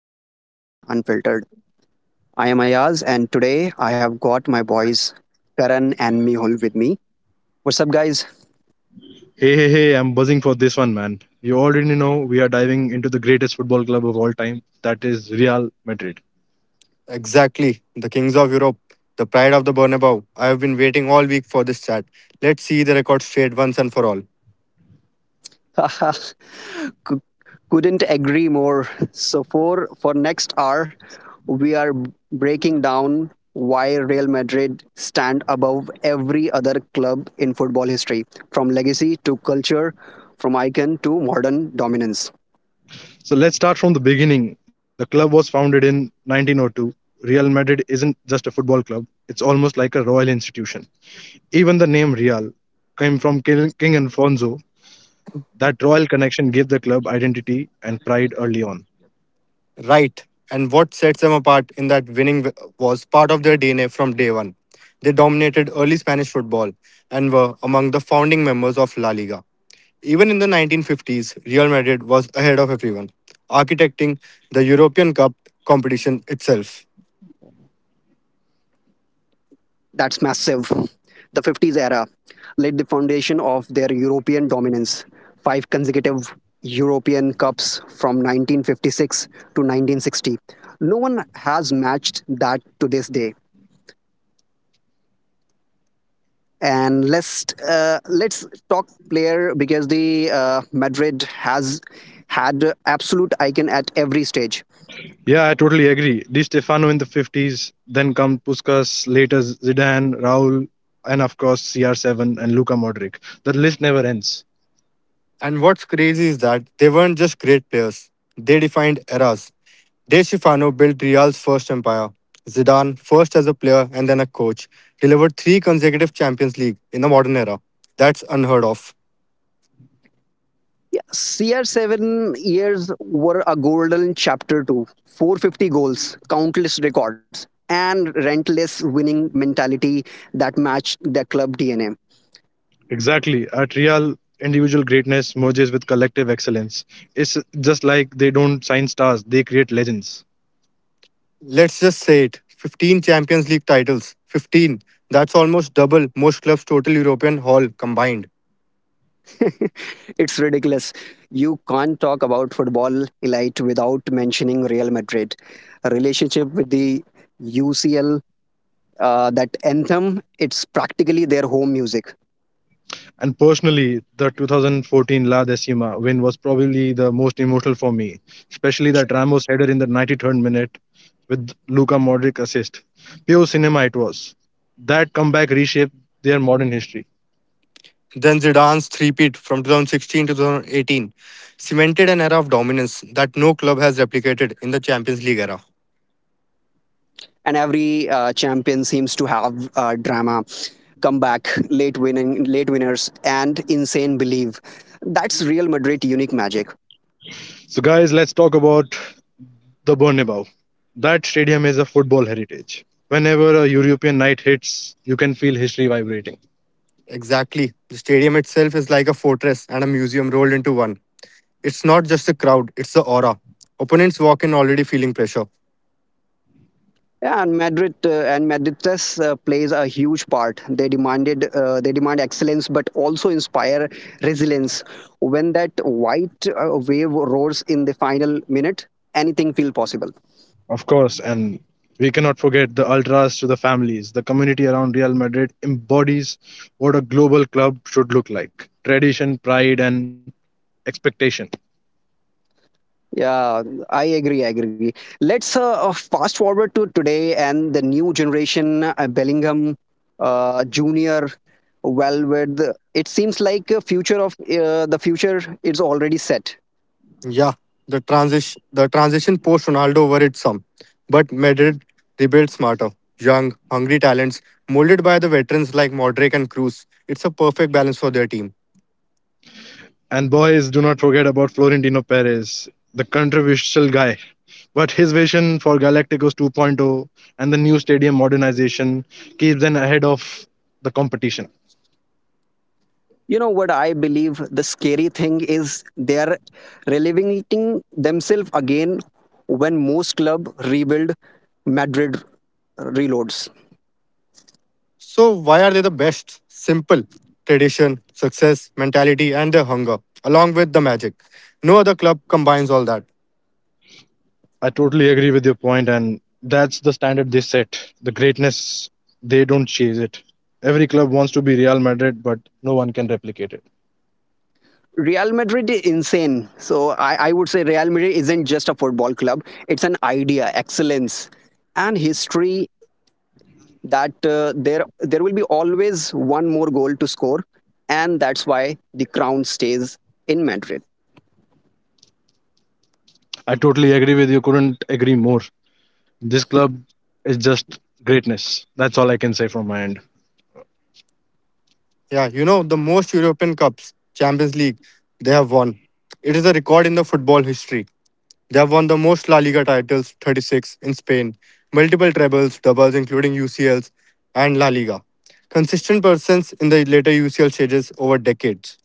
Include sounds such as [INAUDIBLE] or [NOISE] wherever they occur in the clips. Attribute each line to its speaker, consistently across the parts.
Speaker 1: of Football Unfiltered. I am Ayaz and today I have got my boys Karan and Mihul with me. What's up guys?
Speaker 2: Hey, hey, hey, I'm buzzing for this one, man. You already know we are diving into the greatest football club of all time, that is Real Madrid.
Speaker 3: Exactly. The Kings of Europe, the pride of the Bernabeu. I have been waiting all week for this chat. Let's see the record straight once and for all.
Speaker 1: [LAUGHS] Couldn't agree more. So for next hour we are breaking down why Real Madrid stand above every other club in football history, from legacy to culture, from icon to modern dominance.
Speaker 2: So let's start from the beginning. The club was founded in 1902. Real Madrid isn't just a football club, it's almost like a royal institution. Even the name Real came from King Alfonso. That royal connection gave the club identity and pride early on.
Speaker 3: Right. And what sets them apart in that winning was part of their DNA from day one. They dominated early Spanish football and were among the founding members of La Liga. Even in the 1950s, Real Madrid was ahead of everyone, architecting the European Cup competition itself.
Speaker 1: That's massive. The 50s era laid the foundation of their European dominance. Five consecutive European Cups from 1956 to 1960. No one has matched that to this day. And let's talk player because the Madrid has had absolute icon at every stage.
Speaker 2: Yeah, I totally agree. Di Stefano in the 50s, then come Puskas, later Zidane, Raul, and of course CR7 and Luka Modric. The list never ends.
Speaker 3: And what's crazy is that they weren't just great players, they defined eras. De Stefano built Real's first empire. Zidane, first as a player and then a coach, delivered three consecutive Champions League in the modern era. That's unheard of.
Speaker 1: Yeah, CR7 years were a golden chapter too. 450 goals, countless records, and relentless winning mentality that matched the club DNA.
Speaker 2: Exactly. At Real, individual greatness merges with collective excellence. It's just like they don't sign stars, they create legends.
Speaker 3: Let's just say it, 15 Champions League titles. 15. That's almost double most clubs' total European haul combined.
Speaker 1: [LAUGHS] It's ridiculous. You can't talk about football elite without mentioning Real Madrid. A relationship with the UCL, that anthem, it's practically their home music.
Speaker 2: And personally, the 2014 La Decima win was probably the most emotional for me, especially that Ramos header in the 93rd minute with Luka Modric assist. Pure cinema it was. That comeback reshaped their modern history.
Speaker 3: Then Zidane's three-peat from 2016 to 2018 cemented an era of dominance that no club has replicated in the Champions League era.
Speaker 1: And every champion seems to have drama, comeback, late winners, and insane belief. That's Real madrid unique magic.
Speaker 2: So, guys, let's talk about the Bernabeu. That stadium is a football heritage. Whenever a European night hits, you can feel history vibrating.
Speaker 3: Exactly. The stadium itself is like a fortress and a museum rolled into one. It's not just the crowd, it's the aura. Opponents walk in already feeling pressure.
Speaker 1: Yeah, and Madrid's plays a huge part. They demand excellence, but also inspire resilience. When that white wave roars in the final minute, anything feel possible.
Speaker 2: Of course, and we cannot forget the ultras to the families. The community around Real Madrid embodies what a global club should look like tradition, pride, and expectation.
Speaker 1: Yeah, I agree. I agree. Let's fast forward to today and the new generation, Bellingham, Junior. Well, with, it seems like a future of the future is already set.
Speaker 3: Yeah, the transition post Ronaldo worried some. But Madrid rebuilt smarter. Young, hungry talents, molded by the veterans like Modric and Cruz. It's a perfect balance for their team.
Speaker 2: And boys, do not forget about Florentino Perez, the controversial guy. But his vision for Galacticos 2.0 and the new stadium modernization keeps them ahead of the competition.
Speaker 1: You know what, I believe the scary thing is they are relevating themselves again. When most club rebuild, Madrid reloads.
Speaker 3: So why are they the best? Simple. Tradition, success, mentality, and their hunger, along with the magic. No other club combines all that.
Speaker 2: I totally agree with your point, and that's the standard they set. The greatness, they don't chase it. Every club wants to be Real Madrid, but no one can replicate it.
Speaker 1: Real Madrid is insane. So I would say Real Madrid isn't just a football club. It's an idea, excellence, and history, that there will be always one more goal to score, and that's why the crown stays in Madrid.
Speaker 2: I totally agree with you. Couldn't agree more. This club is just greatness. That's all I can say from my end.
Speaker 3: Yeah, the most European Cups, Champions League, they have won. It is a record in the football history. They have won the most La Liga titles, 36, in Spain, multiple trebles, doubles, including UCLs, and La Liga. Consistent persons in the later UCL stages over decades.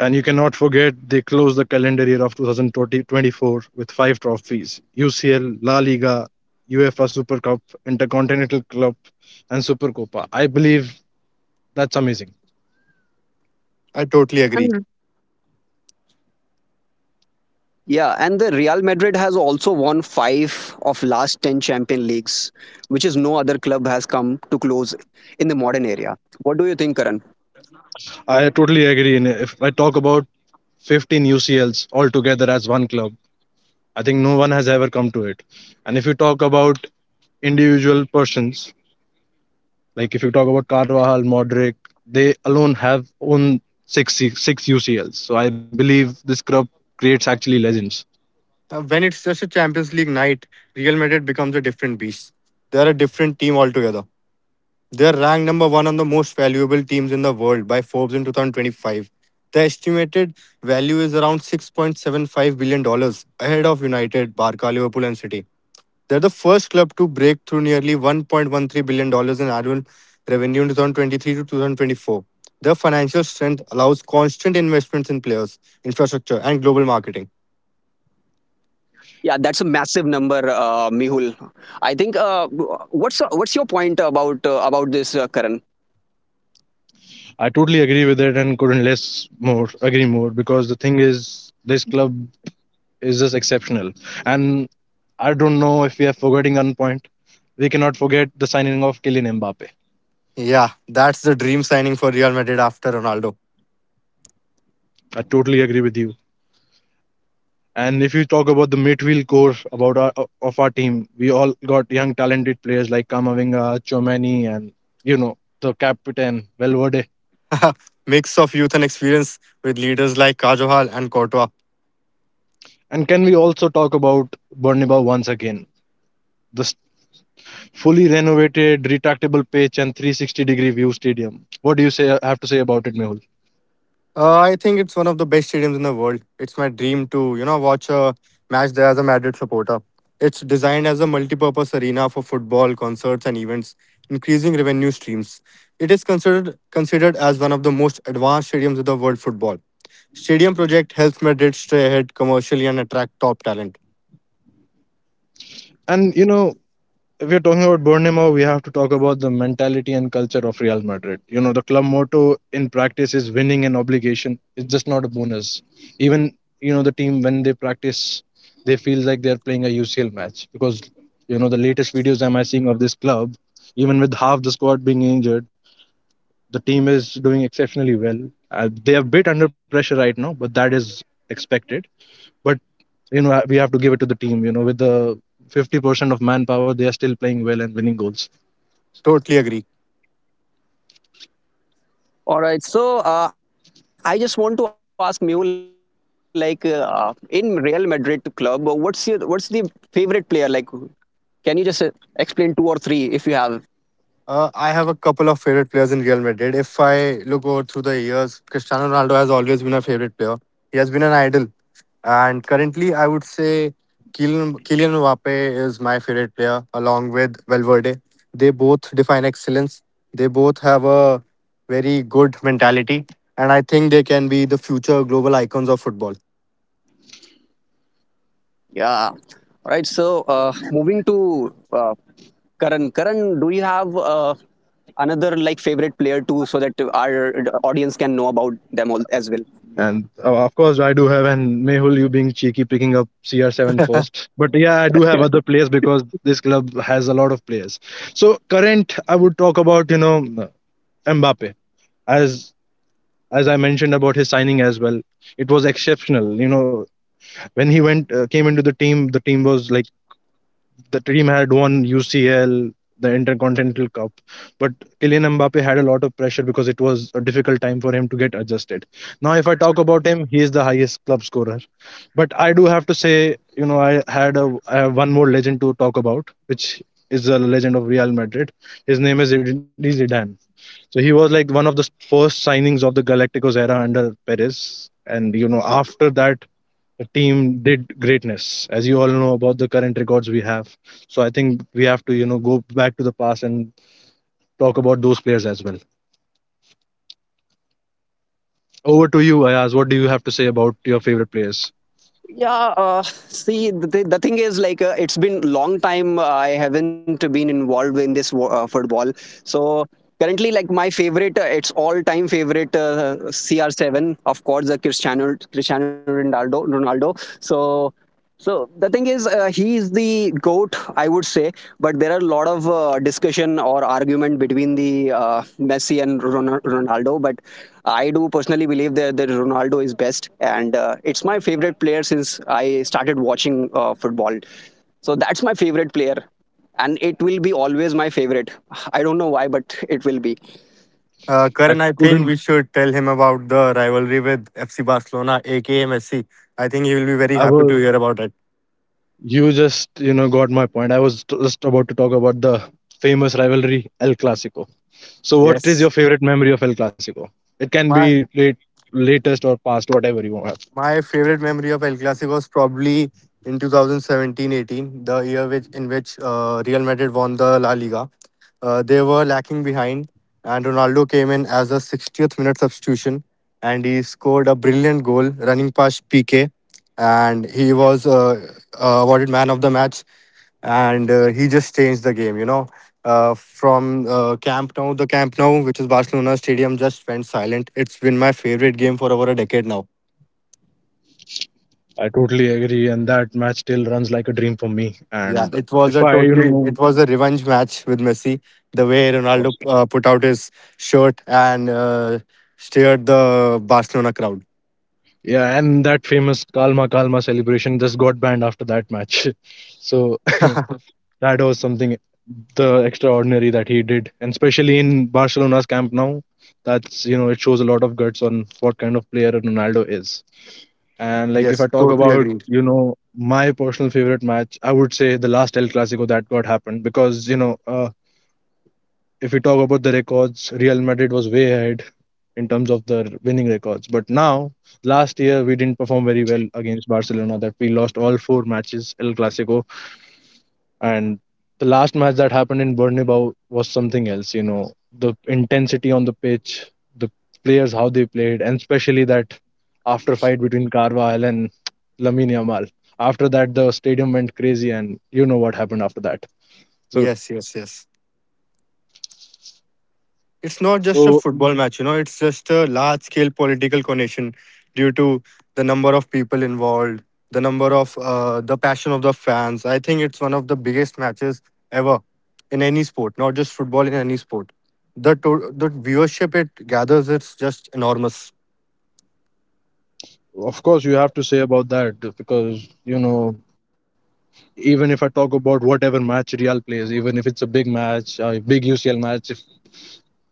Speaker 2: And you cannot forget they closed the calendar year of 2024 with five trophies: UCL, La Liga, UEFA Super Cup, Intercontinental Cup, and Super Copa. I believe that's amazing.
Speaker 3: I totally agree.
Speaker 1: Yeah, and the Real Madrid has also won five of last ten Champions Leagues, which is no other club has come to close in the modern era. What do you think, Karan?
Speaker 2: I totally agree. And if I talk about 15 UCLs altogether as one club, I think no one has ever come to it. And if you talk about individual persons, like if you talk about Carvajal, Modric, they alone have own six UCLs. So I believe this club creates actually legends.
Speaker 3: When it's just a Champions League night, Real Madrid becomes a different beast. They are a different team altogether. They're ranked number one on the most valuable teams in the world by Forbes in 2025. The estimated value is around $6.75 billion dollars, ahead of United, Barca, Liverpool, and City. They're the first club to break through nearly $1.13 billion dollars in annual revenue in 2023 to 2024. Their financial strength allows constant investments in players, infrastructure, and global marketing.
Speaker 1: Yeah, that's a massive number, Mihul. I think what's your point about this, Karan?
Speaker 2: I totally agree with it and couldn't less more agree more because the thing is this club is just exceptional. And I don't know if we are forgetting one point. We cannot forget the signing of Kylian Mbappe.
Speaker 3: Yeah, that's the dream signing for Real Madrid after Ronaldo.
Speaker 2: I totally agree with you. And if you talk about the midfield core of our team, we all got young talented players like Kamavinga, Chomani, and you know the captain Valverde.
Speaker 3: [LAUGHS] Mix of youth and experience with leaders like Kajol and Courtois.
Speaker 2: And can we also talk about Bernabeu once again? This fully renovated, retractable pitch and 360-degree view stadium. What do you say? Have to say about it, Mehul?
Speaker 3: I think it's one of the best stadiums in the world. It's my dream to watch a match there as a Madrid supporter. It's designed as a multi-purpose arena for football, concerts, and events, increasing revenue streams. It is considered as one of the most advanced stadiums in the world football. Stadium project helps Madrid stay ahead commercially and attract top talent.
Speaker 2: And you know, if we are talking about Bournemouth, we have to talk about the mentality and culture of Real Madrid. You know, the club motto in practice is winning an obligation. It's just not a bonus. Even, you know, the team, when they practice, they feel like they're playing a UCL match because, you know, the latest videos am I seeing of this club, even with half the squad being injured, the team is doing exceptionally well. They are a bit under pressure right now, but that is expected. But, you know, we have to give it to the team, you know, with the 50% of manpower, they are still playing well and winning goals.
Speaker 3: Totally agree.
Speaker 1: All right, so I just want to ask Mihul, like in Real Madrid club, what's the favorite player? Like, can you just explain two or three if you have?
Speaker 3: I have a couple of favorite players in Real Madrid. If I look over through the years, Cristiano Ronaldo has always been a favorite player. He has been an idol. And currently, I would say Kylian Mbappe is my favorite player, along with Valverde. They both define excellence. They both have a very good mentality. And I think they can be the future global icons of football.
Speaker 1: Yeah. All right, so moving to Karan. Karan, do you have another like favorite player too, so that our audience can know about them all as well?
Speaker 2: And of course, I do have, and Mehul, you being cheeky, picking up CR7 first. But yeah, I do have other
Speaker 1: [LAUGHS]
Speaker 2: players because this club has a lot of players. So current, I would talk about you know Mbappe as as I mentioned about his signing as well. It was exceptional. You know when he went came into the team was like the team had won UCL, the Intercontinental Cup, but Kylian Mbappe had a lot of pressure because it was a difficult time for him to get adjusted. Now, if I talk about him, he is the highest club scorer but I do have to say, you know, I had a I have one more legend to talk about, which is the legend of Real Madrid. His name is Zinedine Zidane. So he was like one of the first signings of the Galacticos era under Perez, and you know, after that, the team did greatness, as you all know about the current records we have. So I think we have to, you know, go back to the past and talk about those players as well. Over to you, Ayaz. What do you have to say about your favorite players?
Speaker 1: Yeah, see, the thing is, like, it's been long time I haven't been involved in this football. So currently, like, my favorite, it's all time favorite, CR7, of course, the Cristiano Ronaldo. Ronaldo. So, so the thing is, he is the goat, I would say. But there are a lot of discussion or argument between the Messi and Ronaldo. But I do personally believe that Ronaldo is best, and it's my favorite player since I started watching football. So that's my favorite player, and it will be always my favorite. I don't know why, but it will be.
Speaker 2: I
Speaker 3: Karan, I think
Speaker 2: couldn't.
Speaker 3: we should tell him about the rivalry with FC Barcelona, aka Messi. I think he will be very
Speaker 2: I
Speaker 3: happy
Speaker 2: was
Speaker 3: to hear about it.
Speaker 2: You just, you know, got my point. Just about to talk about the famous rivalry El Clasico. So, what is your
Speaker 3: Yes.
Speaker 2: favorite memory of El Clasico? It can
Speaker 3: My
Speaker 2: be late, latest or past, whatever you have.
Speaker 3: my favorite memory of El Clasico was probably in 2017-18, the year which in which Real Madrid won the La Liga. They were lacking behind, and Ronaldo came in as a 60th minute substitution, and he scored a brilliant goal running past PK, and he was awarded man of the match, and he just changed the game. From Camp Nou. The Camp Nou, which is Barcelona stadium, just went silent. It's been my favorite game for over a decade now.
Speaker 2: I totally agree, and that match still runs like a dream for me.
Speaker 3: Yeah,
Speaker 2: And
Speaker 3: it was
Speaker 2: if
Speaker 3: a
Speaker 2: I, you
Speaker 3: totally
Speaker 2: know,
Speaker 3: it was a revenge match with Messi. The way
Speaker 2: of
Speaker 3: Ronaldo
Speaker 2: course,
Speaker 3: put out his shirt and stirred the Barcelona crowd.
Speaker 2: yeah, and that famous Kalma celebration just got banned after that match. [LAUGHS] So, [LAUGHS] that was something the extraordinary that he did, and especially in Barcelona's camp now. That's you know it shows a lot of guts on what kind of player Ronaldo is. And like
Speaker 3: Yes,
Speaker 2: if I talk
Speaker 3: totally
Speaker 2: about
Speaker 3: agreed.
Speaker 2: you know my personal favorite match, I would say the last El Clasico that got happened because you know if we talk about the records, Real Madrid was way ahead in terms of the winning records. But now last year we didn't perform very well against Barcelona. That we lost all four matches El Clasico and the last match that happened in Bernabeu was something else. You know, the intensity on the pitch, the players how they played, and especially that after fight between Carvajal and Lamine Yamal. After that, the stadium went crazy, and you know what happened after that. So,
Speaker 3: Yes, yes, yes. It's not just a
Speaker 2: so,
Speaker 3: football match, it's just a large scale political connection due to the number of people involved, the number of the passion of the fans. I think it's one of the biggest matches ever in any sport, not just football in any sport. The viewership it gathers it's just enormous.
Speaker 2: of course you have to say about that because you know even if I talk about whatever match Real plays, even if it's a big match, a big UCL match, if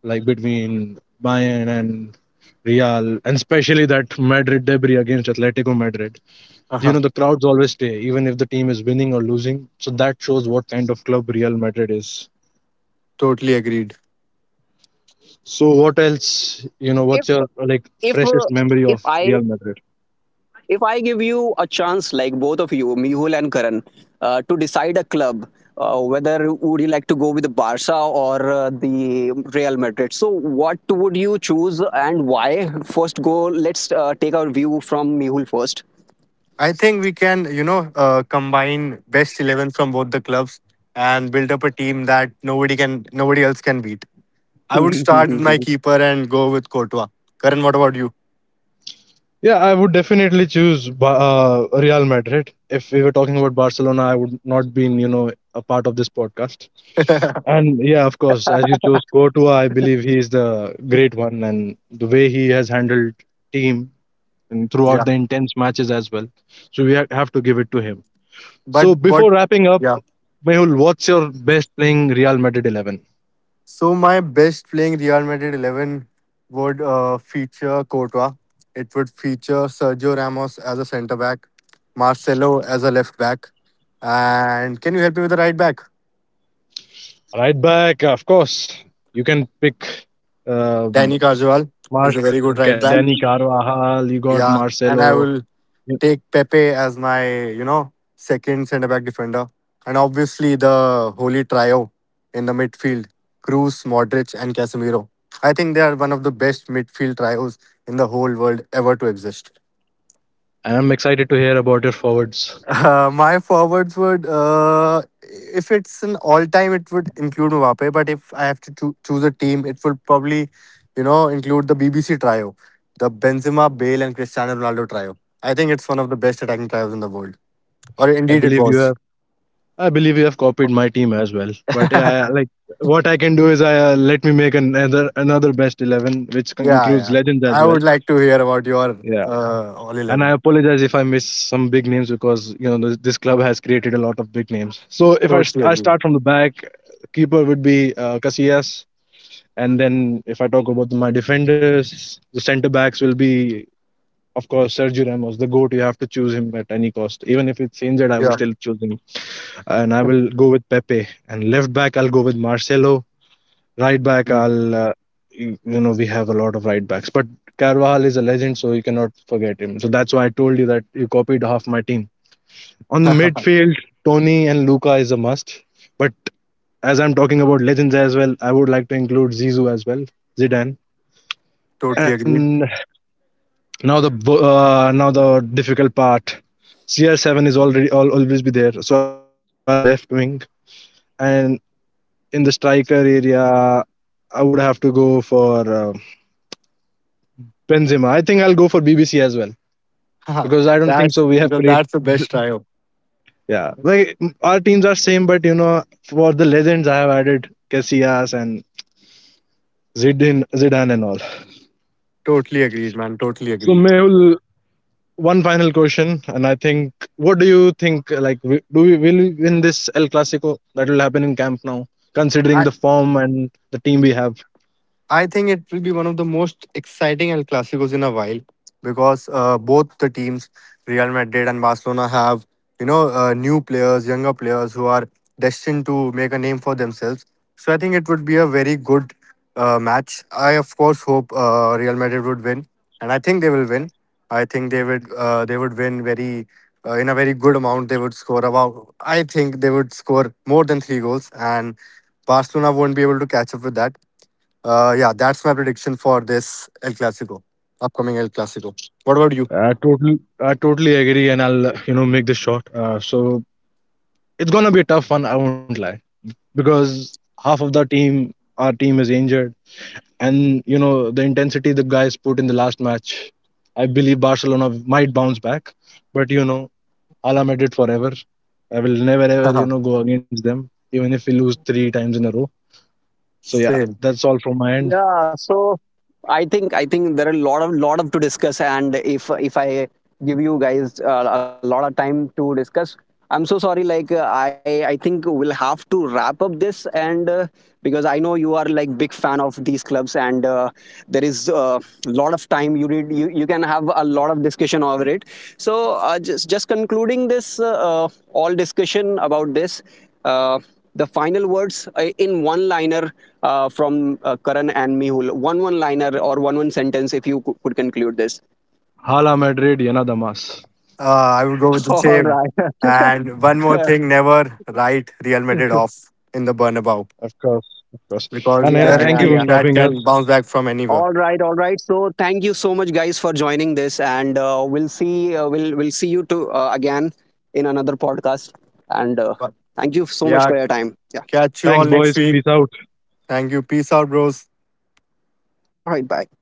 Speaker 2: like between Bayern and Real, and especially that Madrid debris against Atletico Madrid. You
Speaker 3: Uh-huh.
Speaker 2: know, the crowds always stay, even if the team is winning or losing. So that shows what kind of club Real Madrid is.
Speaker 3: Totally agreed.
Speaker 2: So, what else, you
Speaker 1: if
Speaker 2: know, what's your like
Speaker 1: if uh,
Speaker 2: freshest memory
Speaker 1: if
Speaker 2: of
Speaker 1: I
Speaker 2: Real Madrid?
Speaker 1: if I give you a chance, like both of you, Mihul and Karan, to decide a club, whether would you like to go with the Barca or the Real Madrid? So, what would you choose and why? First, go. Let's Take our view from Mihul first.
Speaker 3: I think we can, combine best 11 from both the clubs and build up a team that nobody else can beat. I would start with my keeper and go with Courtois. Karan, what about you?
Speaker 2: Yeah, I would definitely choose Real Madrid. If we were talking about Barcelona, I would not been, you know, a part of this podcast. And yeah, of course, as you chose Courtois, I believe he is the great one, and the way he has handled team and throughout
Speaker 3: Yeah.
Speaker 2: the intense matches as well. So we have to give it to him. So
Speaker 3: But what?
Speaker 2: before wrapping up,
Speaker 3: Yeah.
Speaker 2: Mehul, what's your best playing Real Madrid 11?
Speaker 3: So my best playing Real Madrid 11 would feature Courtois. It would feature Sergio Ramos as a centre back, Marcelo as a left back, and can you help me with the right back?
Speaker 2: Right back, of course. You can pick
Speaker 3: Danny
Speaker 2: um,
Speaker 3: Carvajal. He's a
Speaker 2: Mar-
Speaker 3: very good right
Speaker 2: okay,
Speaker 3: back.
Speaker 2: Danny
Speaker 1: [LAUGHS]
Speaker 2: Carvajal. You got
Speaker 3: Yeah. And I
Speaker 2: Marcelo,
Speaker 3: will
Speaker 2: and
Speaker 3: take Pepe as my second centre back defender. And obviously the holy trio in the midfield, Cruz, Modric, and Casemiro. I think they are one of the best midfield trios in the whole world ever to exist.
Speaker 2: I'm excited to hear about your forwards.
Speaker 3: My forwards would, if it's an all time, it would include Mbappe. But if I have to choose a team, it would probably include the BBC trio, the Benzema, Bale, and Cristiano Ronaldo trio. I think it's one of the best attacking trios in the world, or
Speaker 2: I
Speaker 3: indeed it
Speaker 2: believe you
Speaker 3: was.
Speaker 2: have. I believe you have copied my team as well. But yeah,
Speaker 3: [LAUGHS]
Speaker 2: like what I can do is I let me make another best 11, which
Speaker 3: Yeah,
Speaker 2: includes
Speaker 3: yeah.
Speaker 2: legends as
Speaker 3: I
Speaker 2: well.
Speaker 3: would like to hear about your
Speaker 2: Yeah,
Speaker 3: all
Speaker 2: and I
Speaker 3: 11.
Speaker 2: apologize if I miss some big names because you know this club has created a lot of big names. So if I,
Speaker 3: Totally
Speaker 2: st- I
Speaker 3: agree.
Speaker 2: start from the back, keeper would be Casillas, and then if I talk about my defenders, the centre backs will be of course Sergio Ramos, the goat. You have to choose him at any cost, even if it's injured. I
Speaker 3: Yeah.
Speaker 2: would still choose him. And I will go with Pepe. And left back, I'll go with Marcelo. Right back, I'll you you know we have a lot of right backs, but Carvajal is a legend, so you cannot forget him. So that's why I told you that you copied half my team. On the
Speaker 3: [LAUGHS]
Speaker 2: midfield, Tony and Luca is a must. But as I'm talking about legends as well, I would like to include Zizou as well, Zidane.
Speaker 3: Totally
Speaker 2: And
Speaker 3: agreed.
Speaker 2: now now the difficult part. CR7 is already al always be there, so I'll choose him as left wing. And in the striker area, I would have to go for Benzema. I think I'll go for BBC as well
Speaker 3: [LAUGHS]
Speaker 2: because I don't think so.
Speaker 3: That's
Speaker 2: We have
Speaker 3: because
Speaker 2: created
Speaker 3: that's the best trio.
Speaker 2: yeah, our teams are same, but you know, for the legends, I have added Casillas and Zidane and all.
Speaker 3: Totally agreed, man. Totally
Speaker 2: So
Speaker 3: agreed.
Speaker 2: Mehul, one final question, and I think, what do you think? Like, do we win this El Clasico that will happen in Camp now? Considering the form and the team we have,
Speaker 3: I think it will be one of the most exciting El Clasicos in a while because both the teams, Real Madrid and Barcelona, have new players, younger players who are destined to make a name for themselves. So I think it would be a very good match. I of course hope Real Madrid would win, and I think they will win. I think they would win very, in a very good amount. They would score about I think they would score more than three goals, and Barcelona won't be able to catch up with that. Yeah, that's my prediction for this El Clasico, upcoming El Clasico. What about you?
Speaker 2: I totally agree, and I'll you know make this short. So it's gonna be a tough one, I won't lie, because half of the team, our team is injured, and you know the intensity the guys put in the last match. I believe Barcelona might bounce back, but you know, Ala made it forever. I will never ever you know
Speaker 3: [LAUGHS]
Speaker 2: go against them, even if we lose three times in a row. So yeah,
Speaker 3: Same.
Speaker 2: that's all from my end.
Speaker 1: Yeah, so I think there are a lot of to discuss, and if I give you guys a lot of time to discuss, I'm so sorry. Like I think we'll have to wrap up this, and because I know you are like big fan of these clubs, and there is a lot of time you need, you can have a lot of discussion over it. So just concluding this uh, all discussion about this. Uh, the final words in one liner from Karan and Mihul. One liner or one sentence if you could conclude this.
Speaker 2: Hala Madrid, Yana Damas.
Speaker 3: Uh, I would go with the
Speaker 1: [LAUGHS] All
Speaker 3: same.
Speaker 1: right.
Speaker 3: And one more thing,
Speaker 1: [LAUGHS]
Speaker 3: never write Real Madrid off in the Bernabeu
Speaker 2: Of course, of course. And
Speaker 3: because
Speaker 1: Yeah,
Speaker 2: yes,
Speaker 1: yeah,
Speaker 3: they're
Speaker 2: thank
Speaker 3: a
Speaker 2: you for
Speaker 1: yeah.
Speaker 3: team
Speaker 2: stopping
Speaker 3: that
Speaker 2: us.
Speaker 3: can bounce back from anywhere.
Speaker 1: All right, all right. So thank you so much, guys, for joining this, and we'll see. We'll see you to again in another podcast. And
Speaker 3: But
Speaker 1: thank you so much
Speaker 3: yeah,
Speaker 1: for your time. Yeah.
Speaker 3: catch you all
Speaker 2: Thanks,
Speaker 3: next
Speaker 2: boys.
Speaker 3: week.
Speaker 2: Peace out.
Speaker 3: Thank you. Peace out, bros.
Speaker 1: All right. Bye.